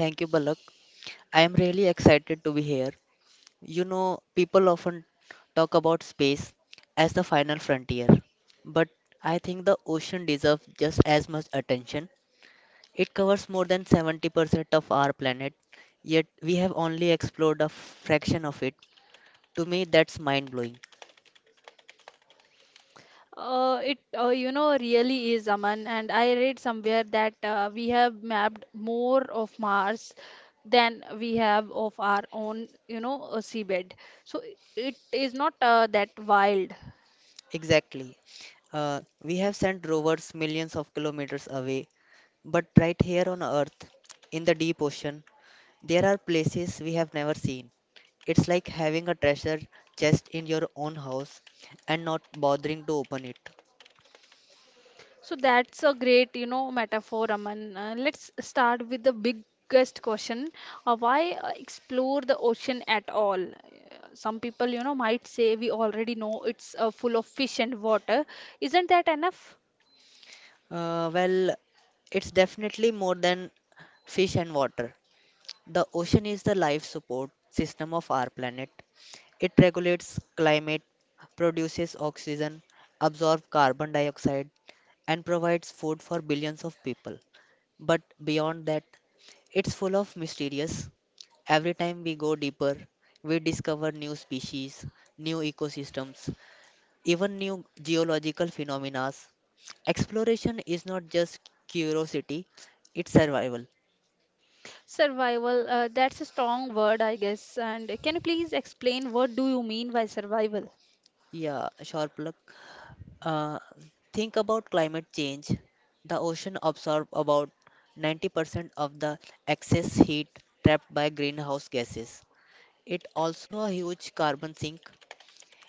Thank you, Balak. I am really excited to be here. You know, people often talk about space as the final frontier, but I think the ocean deserves just as much attention. It covers more than 70% of our planet, yet we have only explored a fraction of it. To me, that's mind blowing. Exactly. We have sent rovers millions of kilometers away, but right here on Earth, in the deep ocean, there are places we have never seen. It's like having a treasure chest in your own house and not bothering to open it. Well, it's definitely more than fish and water. The ocean is the life support system of our planet. It regulates climate, produces oxygen, absorbs carbon dioxide, and provides food for billions of people. But beyond that, it's full of mysterious. Every time we go deeper, we discover new species, new ecosystems, even new geological phenomena. Exploration is not just curiosity, it's survival. Yeah, sure plug. Uh, think about climate change. The ocean absorbs about 90% of the excess heat trapped by greenhouse gases. It also a huge carbon sink.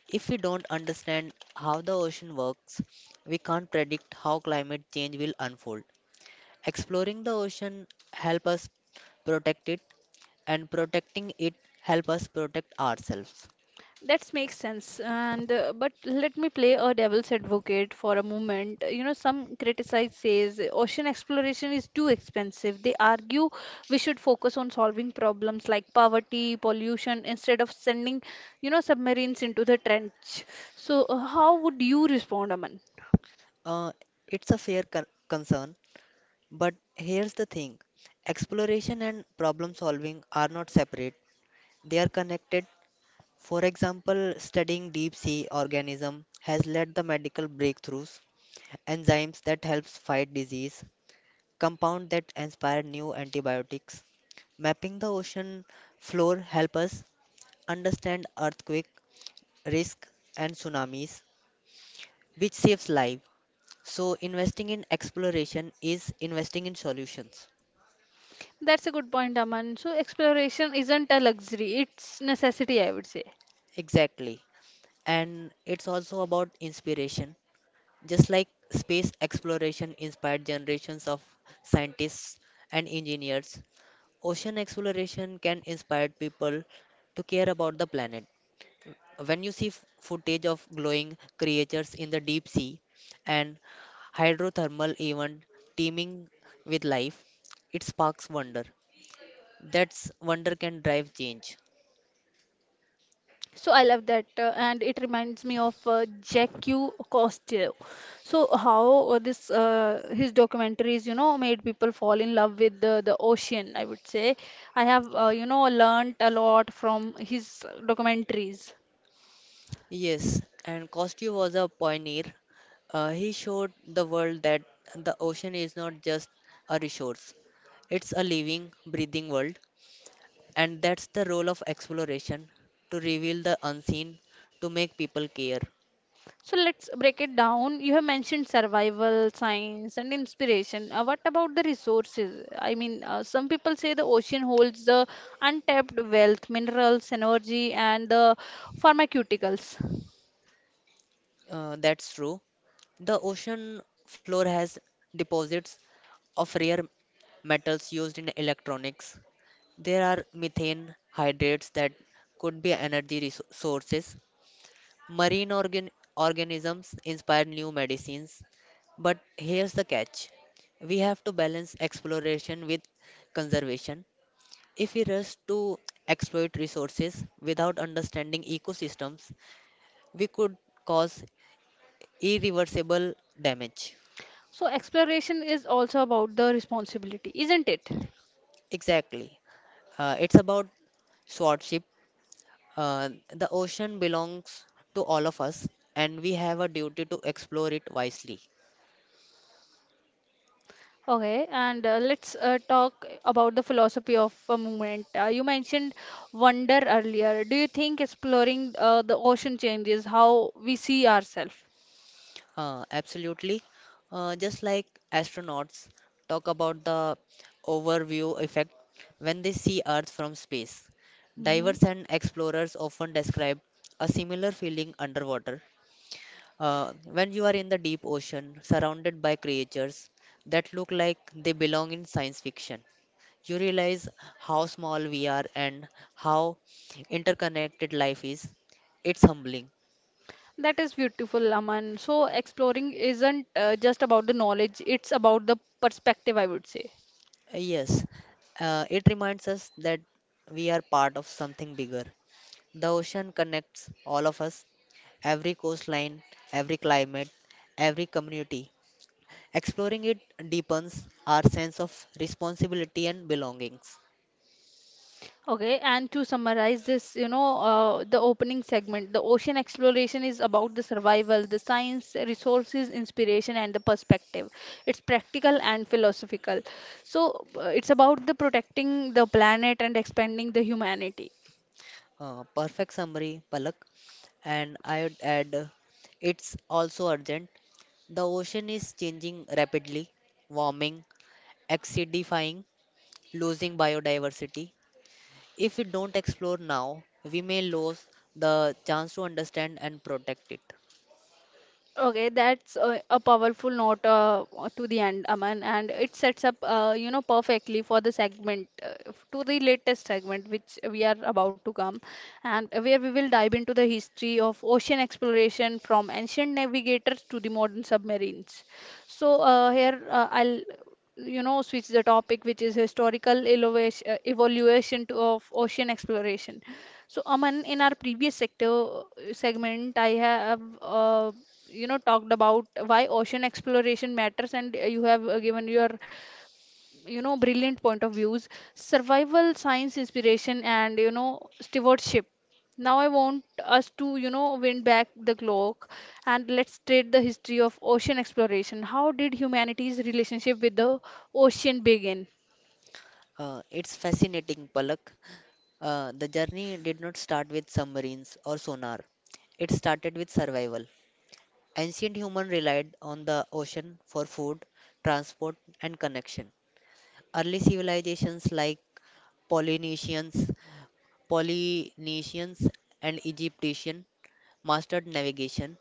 If we don't understand how the ocean works, we can't predict how climate change will unfold. Exploring the ocean help us protect it, and protecting it help us protect ourselves. Uh, it's a concern, but here's the thing. Exploration and problem solving are not separate. They are connected. For example, studying deep sea organism has led the medical breakthroughs, enzymes that helps fight disease, compound that inspired new antibiotics. Mapping the ocean floor helps us understand earthquake risk and tsunamis, which saves lives. So, investing in exploration is investing in solutions. Exactly. And it's also about inspiration. Just like space exploration inspired generations of scientists and engineers, ocean exploration can inspire people to care about the planet. When you see footage of glowing creatures in the deep sea and hydrothermal event teeming with life, it sparks wonder. That's wonder can drive change. Yes, and Kostev was a pioneer. He showed the world that the ocean is not just a resource, it's a living, breathing world. And that's the role of exploration to reveal the unseen, to make people care. That's true. The ocean floor has deposits of rare metals used in electronics. There are methane hydrates that could be sources. Marine organ- organisms inspire new medicines. But here's the catch we have to balance exploration with conservation. If we rush to exploit resources without understanding ecosystems, we could cause irreversible damage. Exactly. It's about swordship. Uh, the ocean belongs to all of us, and we have a duty to explore it wisely. Absolutely. Just like astronauts talk about the overview effect when they see Earth from space, divers and explorers often describe a similar feeling underwater. When you are in the deep ocean, surrounded by creatures that look like they belong in science fiction, you realize how small we are and how interconnected life is. It's humbling. Yes, it reminds us that we are part of something bigger. The ocean connects all of us, every coastline, every climate, every community. Exploring it deepens our sense of responsibility and belongings. Perfect summary, Palak. And I would add, it's also urgent. The ocean is changing rapidly, warming, acidifying, losing biodiversity. If we don't explore now, we may lose the chance to understand and protect it. It's fascinating, Palak. The journey did not start with submarines or sonar. It started with survival. Ancient human relied on the ocean for food, transport, and connection. Early civilizations like Polynesians, Polynesians and Egyptian mastered navigation.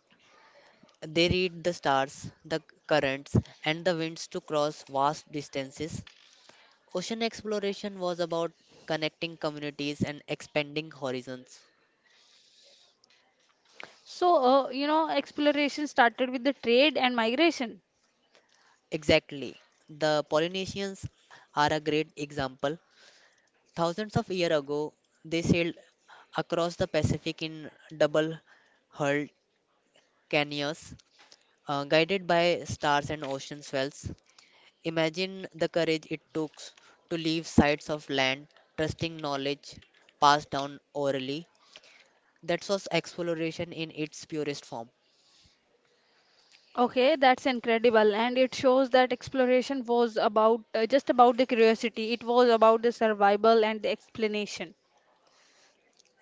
They read the stars, the currents, and the winds to cross vast distances. Ocean exploration was about connecting communities and expanding horizons. Exactly. The Polynesians are a great example. Thousands of years ago, they sailed across the Pacific in double hulled canoes, guided by stars and ocean swells, imagine the courage it took to leave sites of land, trusting knowledge passed down orally. That was exploration in its purest form.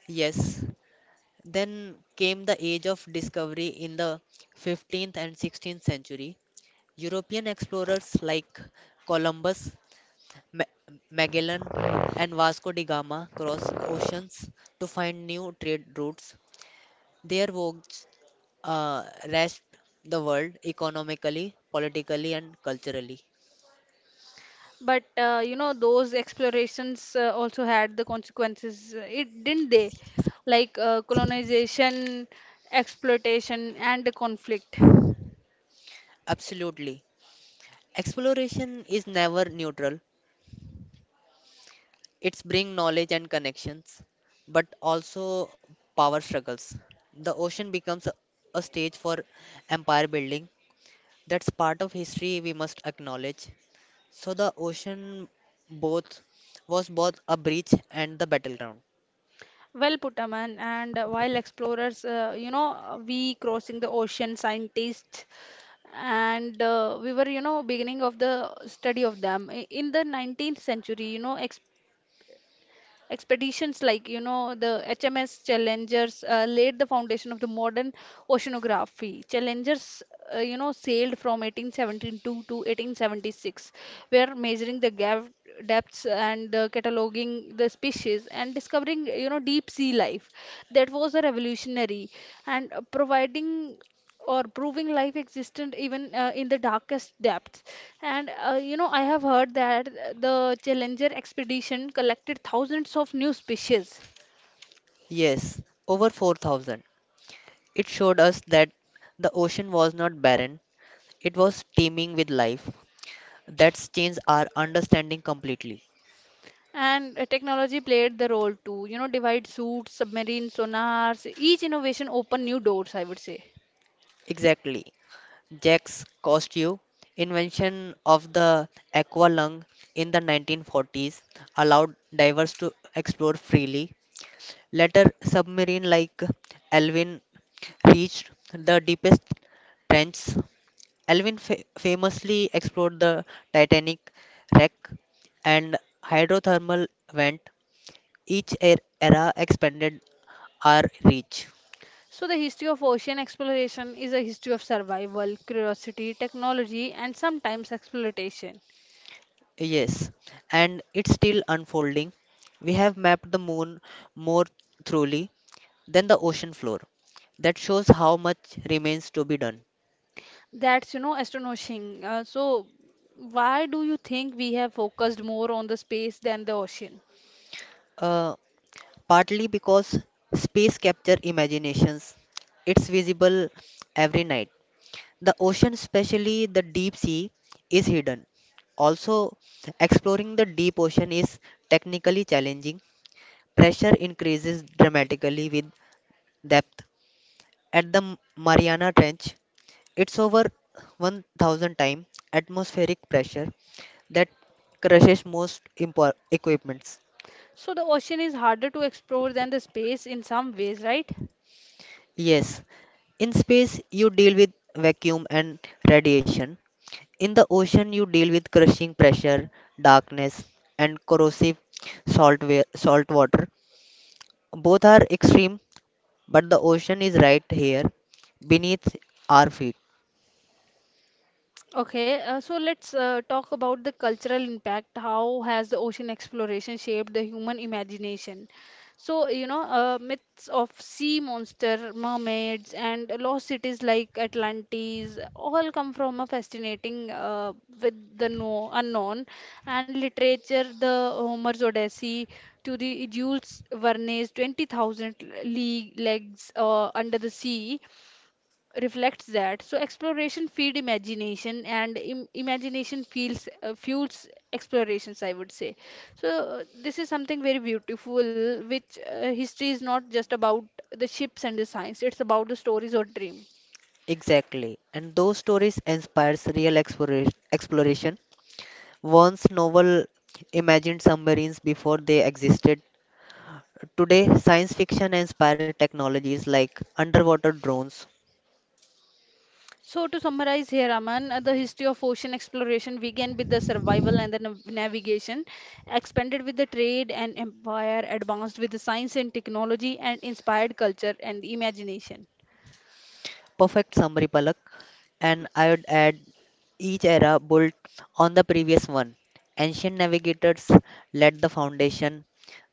Yes, then came the age of discovery in the 15th and 16th century. European explorers like Columbus, Ma- Magellan, and Vasco da Gama crossed oceans to find new trade routes. Their voyages uh, rest the world economically, politically, and culturally. Absolutely. Exploration is never neutral. It's bring knowledge and connections, but also power struggles. The ocean becomes a stage for empire building. That's part of history we must acknowledge. So the ocean both was both a breach and the battleground. Yes, over 4000. It showed us that the ocean was not barren, it was teeming with life. That's changed our understanding completely. Exactly. Jacques Cousteau, invention of the aqua lung in the 1940s, allowed divers to explore freely. Later, submarine like Alvin reached the deepest trenches. Alvin famously explored the Titanic wreck and hydrothermal vent. Each era expanded our reach. Yes, and it's still unfolding. We have mapped the moon more thoroughly than the ocean floor. That shows how much remains to be done. Uh, Partly because space capture imaginations. It's visible every night. The ocean, especially the deep sea, is hidden. Also, exploring the deep ocean is technically challenging. Pressure increases dramatically with depth. At the Mariana Trench, it's over 1000 times atmospheric pressure that crushes most equipments. Yes, in space you deal with vacuum and radiation. In the ocean you deal with crushing pressure, darkness, and corrosive salt water. Both are extreme, but the ocean is right here beneath our feet. Exactly. And those stories inspires real exploration. Once novel imagined submarines before they existed. Today, science fiction inspired technologies like underwater drones. Perfect summary, Palak. And I would add each era built on the previous one. Ancient navigators laid the foundation.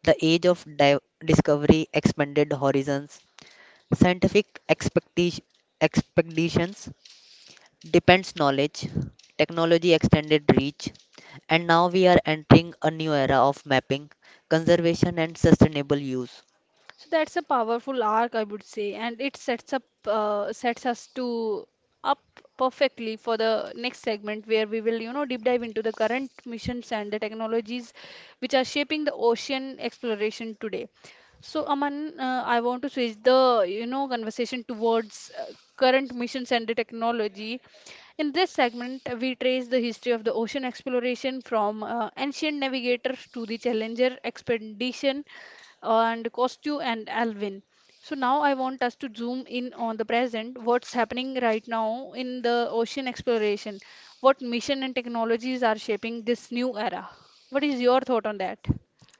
The discovery expanded horizons. Scientific expecti- expeditions depends knowledge, technology extended reach, and now we are entering a new era of mapping, conservation, and sustainable use.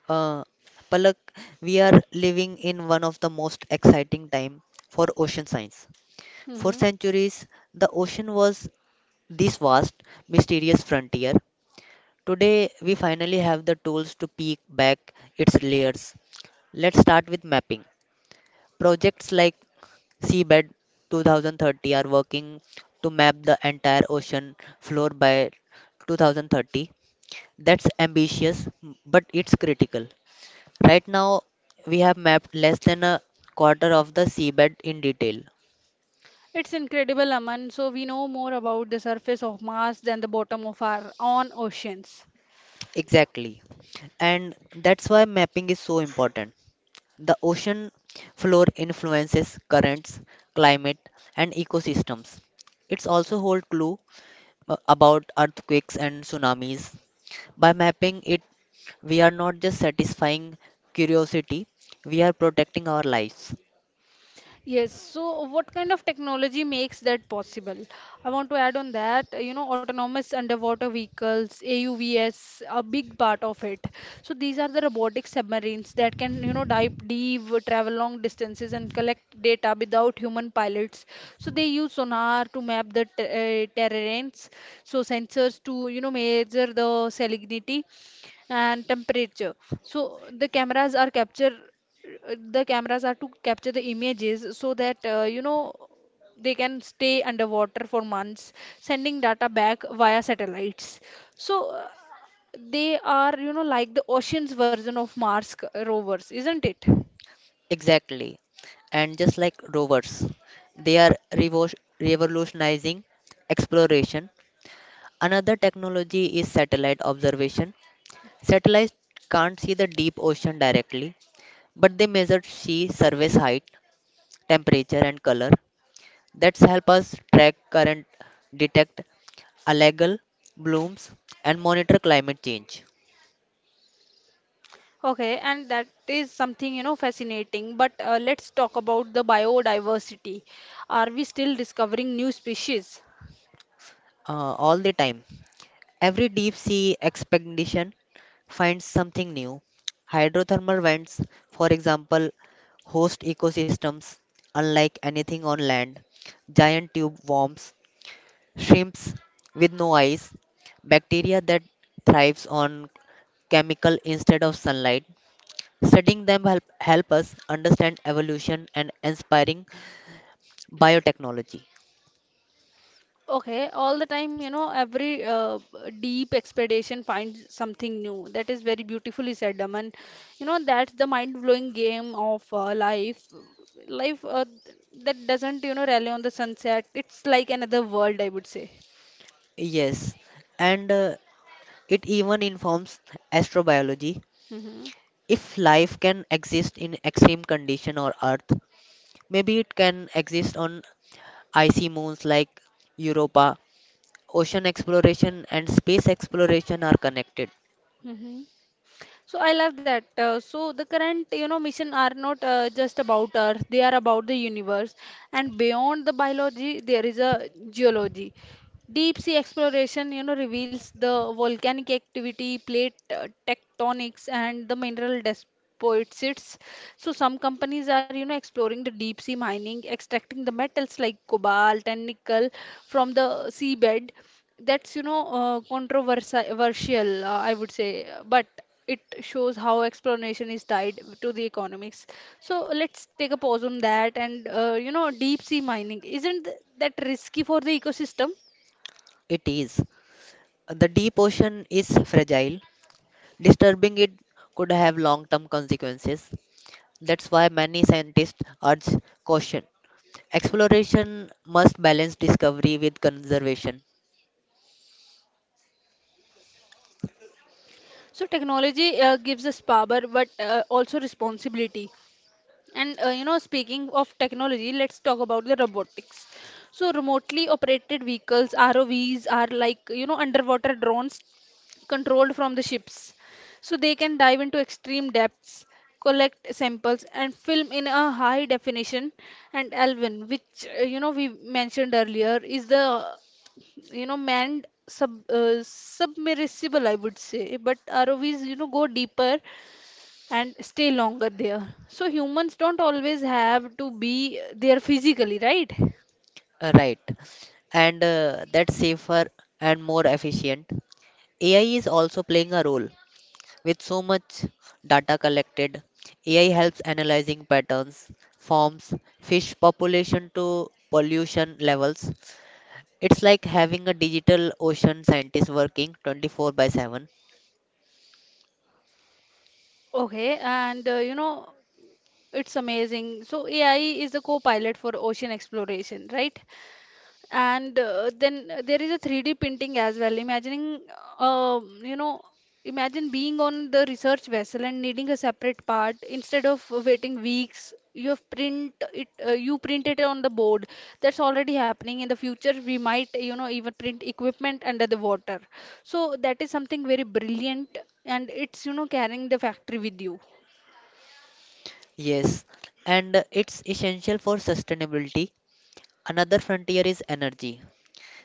Uh, Palak, we are living in one of the most exciting time for ocean science. For centuries, the ocean was this vast, mysterious frontier. Today, we finally have the tools to peek back its layers. Let's start with mapping. Projects like Seabed 2030 are working to map the entire ocean floor by 2030. That's ambitious, but it's critical. Right now, we have mapped less than a quarter of the seabed in detail. Exactly. And that's why mapping is so important. The ocean floor influences currents, climate, and ecosystems. It's also hold clue about earthquakes and tsunamis. By mapping it, we are not just satisfying curiosity, we are protecting our lives. Exactly. And just like rovers, they are revolutionizing exploration. Another technology is satellite observation. Satellites can't see the deep ocean directly, but they measure sea surface height, temperature, and color. That's help us track current, detect algal blooms, and monitor climate change. All the time. Every deep sea expedition finds something new. Hydrothermal vents, for example, host ecosystems unlike anything on land, giant tube worms, shrimps with no eyes, bacteria that thrives on chemical instead of sunlight. Studying them help us understand evolution and inspiring biotechnology. Yes, and it even informs astrobiology. If life can exist in extreme condition or Earth, maybe it can exist on icy moons like Europa. Ocean exploration and space exploration are connected. It is. The deep ocean is fragile. Disturbing it could have long-term consequences. That's why many scientists urge caution. Exploration must balance discovery with conservation. Right. And that's safer and more efficient. AI is also playing a role. With so much data collected, AI helps analyzing patterns, forms, fish population to pollution levels. It's like having a digital ocean scientist working 24 by 7. Yes, and it's essential for sustainability. Another frontier is energy.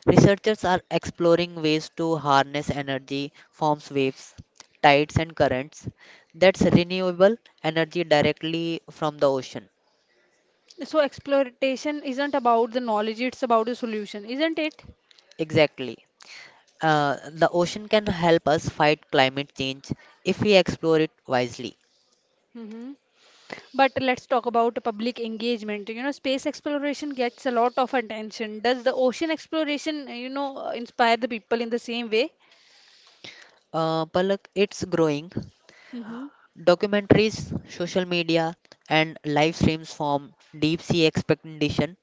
Researchers are exploring ways to harness energy forms, waves, tides, and currents that's renewable energy directly from the ocean. Exactly. The ocean can help us fight climate change if we explore it wisely. Palak, it's growing. Documentaries, social media, and live streams from deep sea expedition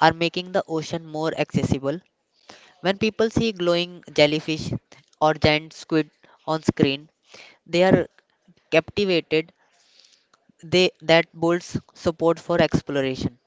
are making the ocean more accessible. When people see glowing jellyfish or giant squid on screen, they are captivated that builds support for exploration.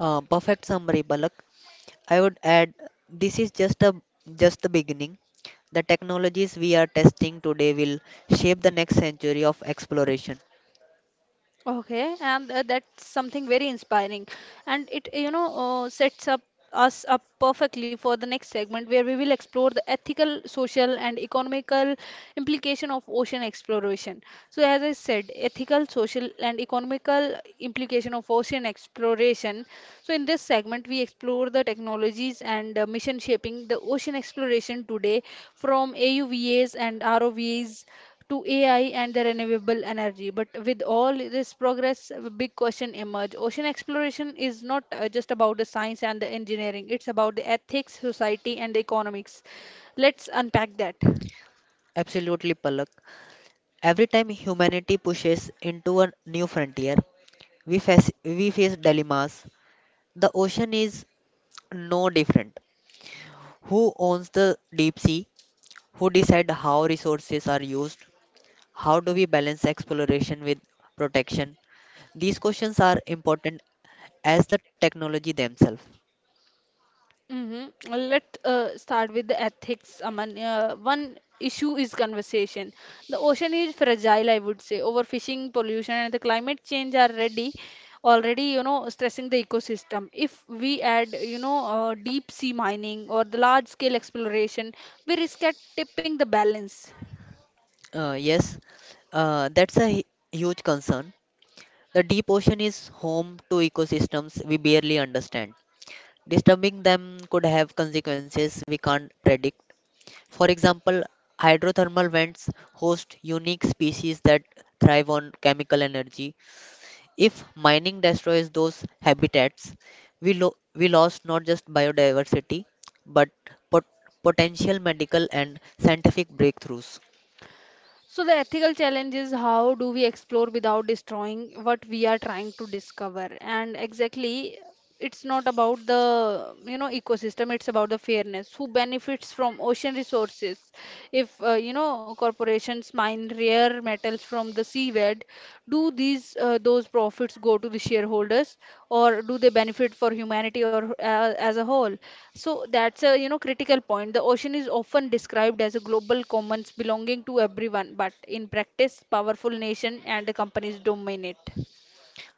Perfect summary, Balak. I would add this is just the beginning. The technologies we are testing today will shape the next century of exploration. Absolutely, Palak. Every time humanity pushes into a new frontier, we face dilemmas. The ocean is no different. Who owns the deep sea? Who decide how resources are used? How do we balance exploration with protection? These questions are important as the technology themselves. Yes, that's a huge concern. The deep ocean is home to ecosystems we barely understand. Disturbing them could have consequences we can't predict. For example, hydrothermal vents host unique species that thrive on chemical energy. If mining destroys those habitats, we lost not just biodiversity but pot- potential medical and scientific breakthroughs.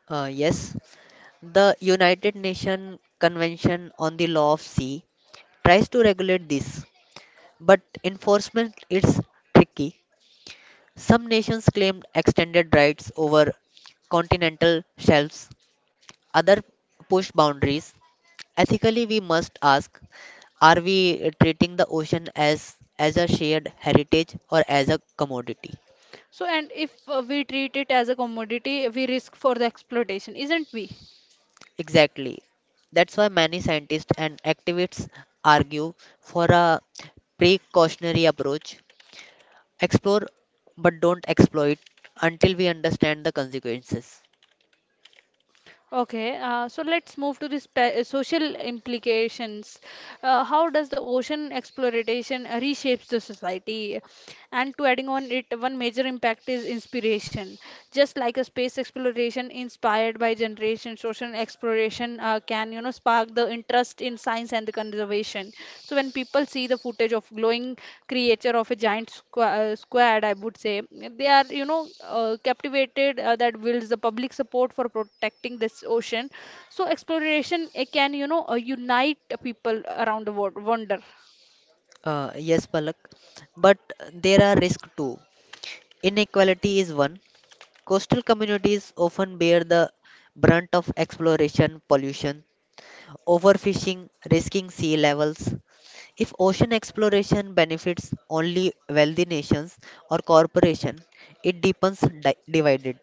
Yes, the United Nations Convention on the Law of Sea tries to regulate this, but enforcement is tricky. Some nations claim extended rights over continental shelves, others push boundaries. Ethically, we must ask, are we treating the ocean as a shared heritage or as a commodity? Exactly. That's why many scientists and activists argue for a precautionary approach. Explore but don't exploit until we understand the consequences. Yes, Palak, but there are risks too. Inequality is one. Coastal communities often bear the brunt of exploration, pollution, overfishing, risking sea levels. If ocean exploration benefits only wealthy nations or corporations, it deepens divided.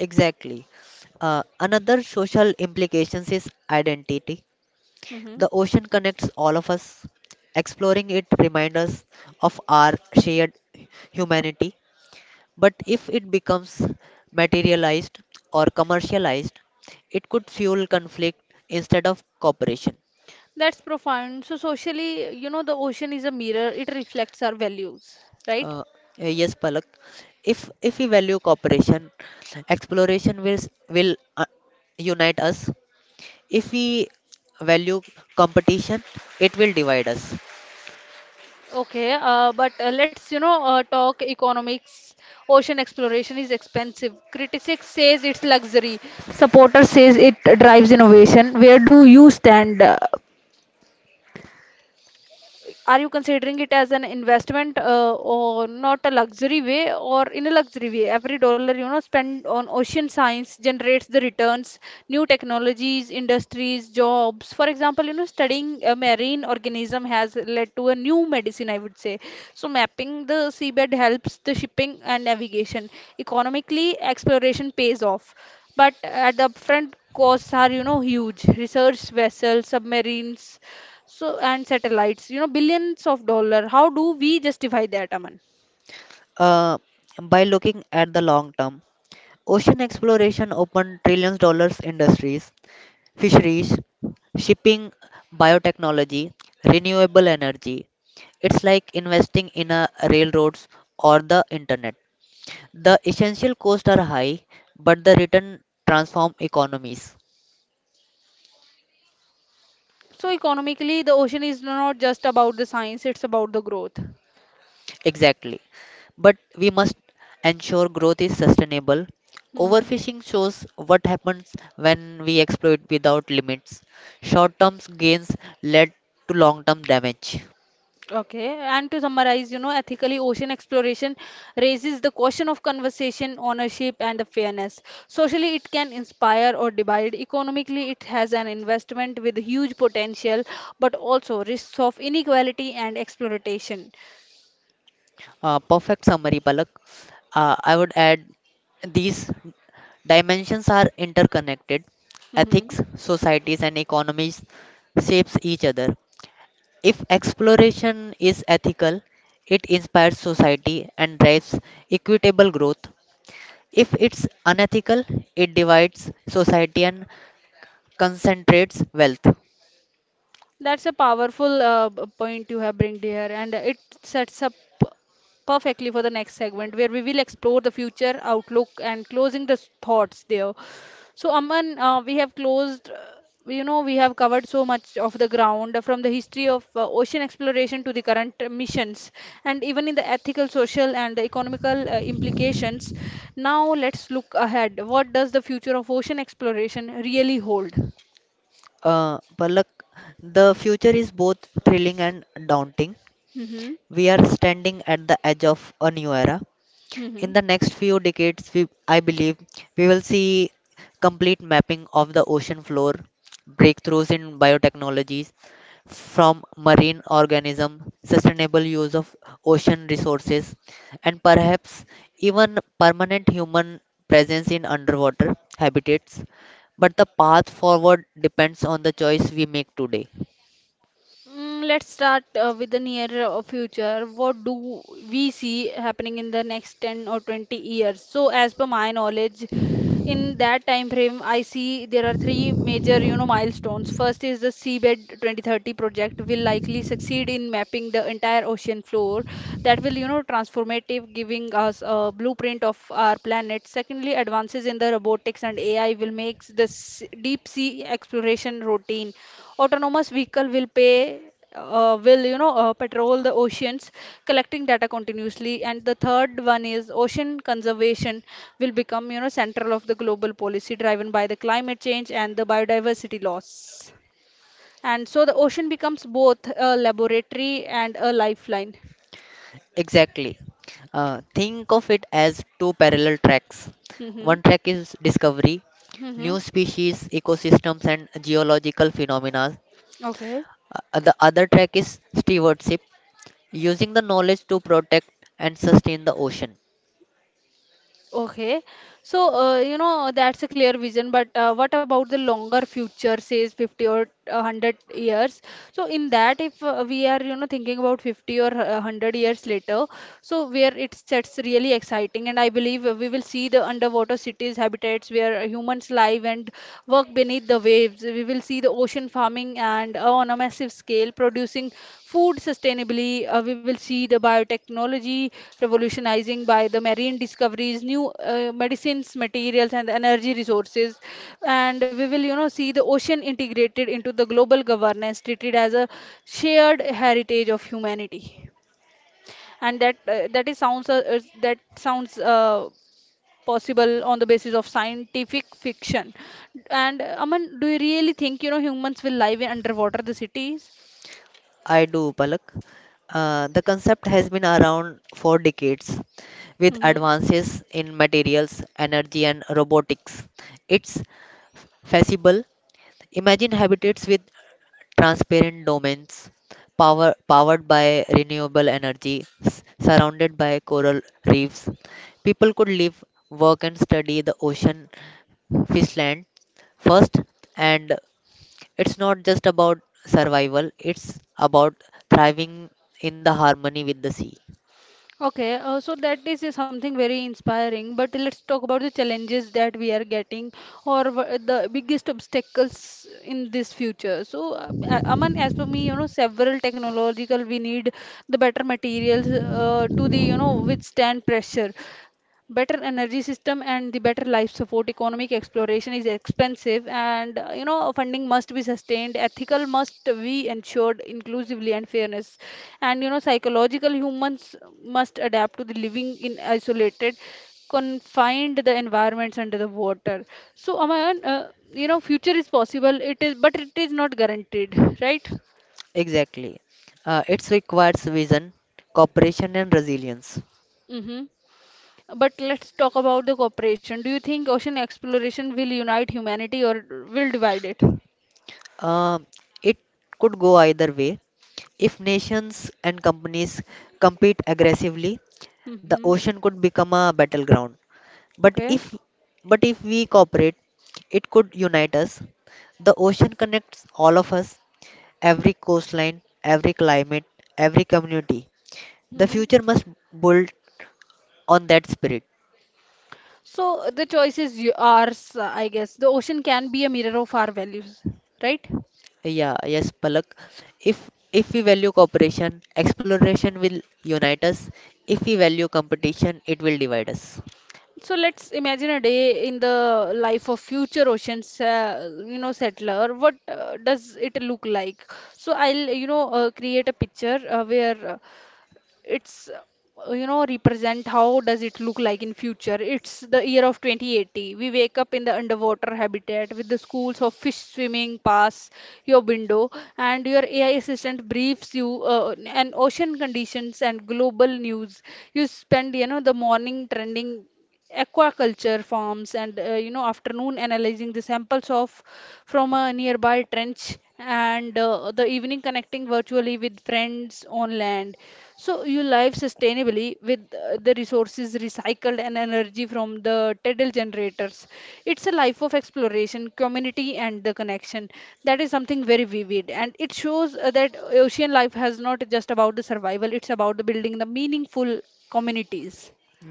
Exactly. Another social implications is identity. The ocean connects all of us. Exploring it reminds us of our shared humanity. But if it becomes materialized or commercialized, it could fuel conflict instead of cooperation. Uh, yes, Palak. If we value cooperation, exploration will unite us. If we value competition, it will divide us. Supporter says it drives innovation. Where do you stand? Uh, by looking at the long term, ocean exploration opened trillions dollars industries: fisheries, shipping, biotechnology, renewable energy. It's like investing in a railroads or the internet. The essential costs are high, but the return transform economies. Exactly. But we must ensure growth is sustainable. Overfishing shows what happens when we exploit without limits. Short term gains led to long term damage. Perfect summary, Palak. I would add these dimensions are interconnected. Ethics, societies, and economies shapes each other. If exploration is ethical, it inspires society and drives equitable growth. If it's unethical, it divides society and concentrates wealth. Palak, the future is both thrilling and daunting. We are standing at the edge of a new era. In the next few decades, I believe we will see complete mapping of the ocean floor, breakthroughs in biotechnologies from marine organism, sustainable use of ocean resources, and perhaps even permanent human presence in underwater habitats. But the path forward depends on the choice we make today. Exactly. Think of it as two parallel tracks. One track is discovery: new species, ecosystems, and geological phenomena. The other track is stewardship, using the knowledge to protect and sustain the ocean. I do, Palak. The concept has been around for decades. With advances in materials, energy, and robotics, it's feasible. Imagine habitats with transparent domains powered by renewable energy, surrounded by coral reefs. People could live, work, and study the ocean fishland first. And it's not just about survival, it's about thriving in the harmony with the sea. Exactly. It requires vision, cooperation, and resilience. Um it could go either way. If nations and companies compete aggressively, the ocean could become a battleground. But if but if we cooperate, it could unite us. The ocean connects all of us: every coastline, every climate, every community. The future must build on that spirit. Yeah, yes, Palak. If we value cooperation, exploration will unite us. If we value competition, it will divide us.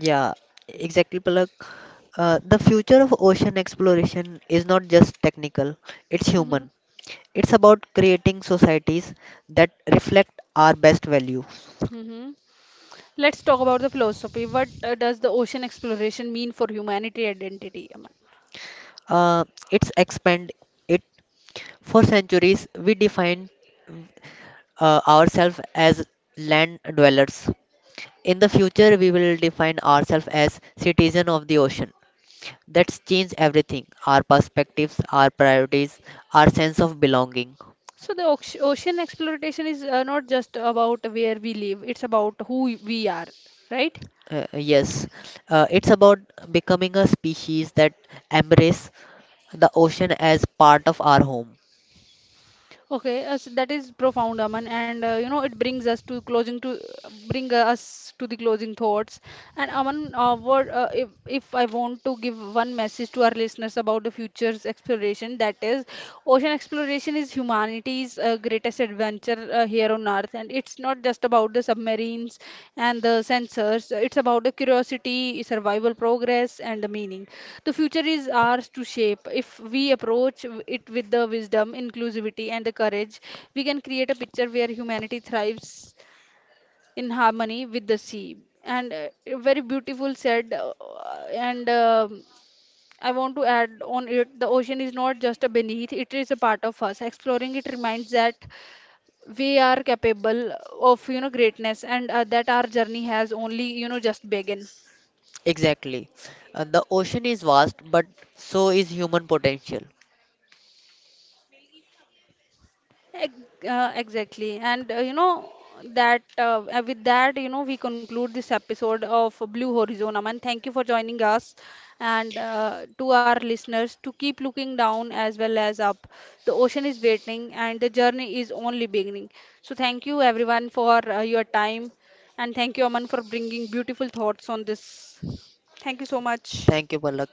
Yeah, exactly, Palak. The future of ocean exploration is not just technical, it's human. It's about creating societies that reflect our best value. Uh, it's expand it. For centuries, we defined ourselves as land dwellers. In the future, we will define ourselves as citizen of the ocean. That's changed everything, our perspectives, our priorities, our sense of belonging. Uh, yes, it's about becoming a species that embrace the ocean as part of our home. Exactly. The ocean is vast, but so is human potential. Thank you, Palak.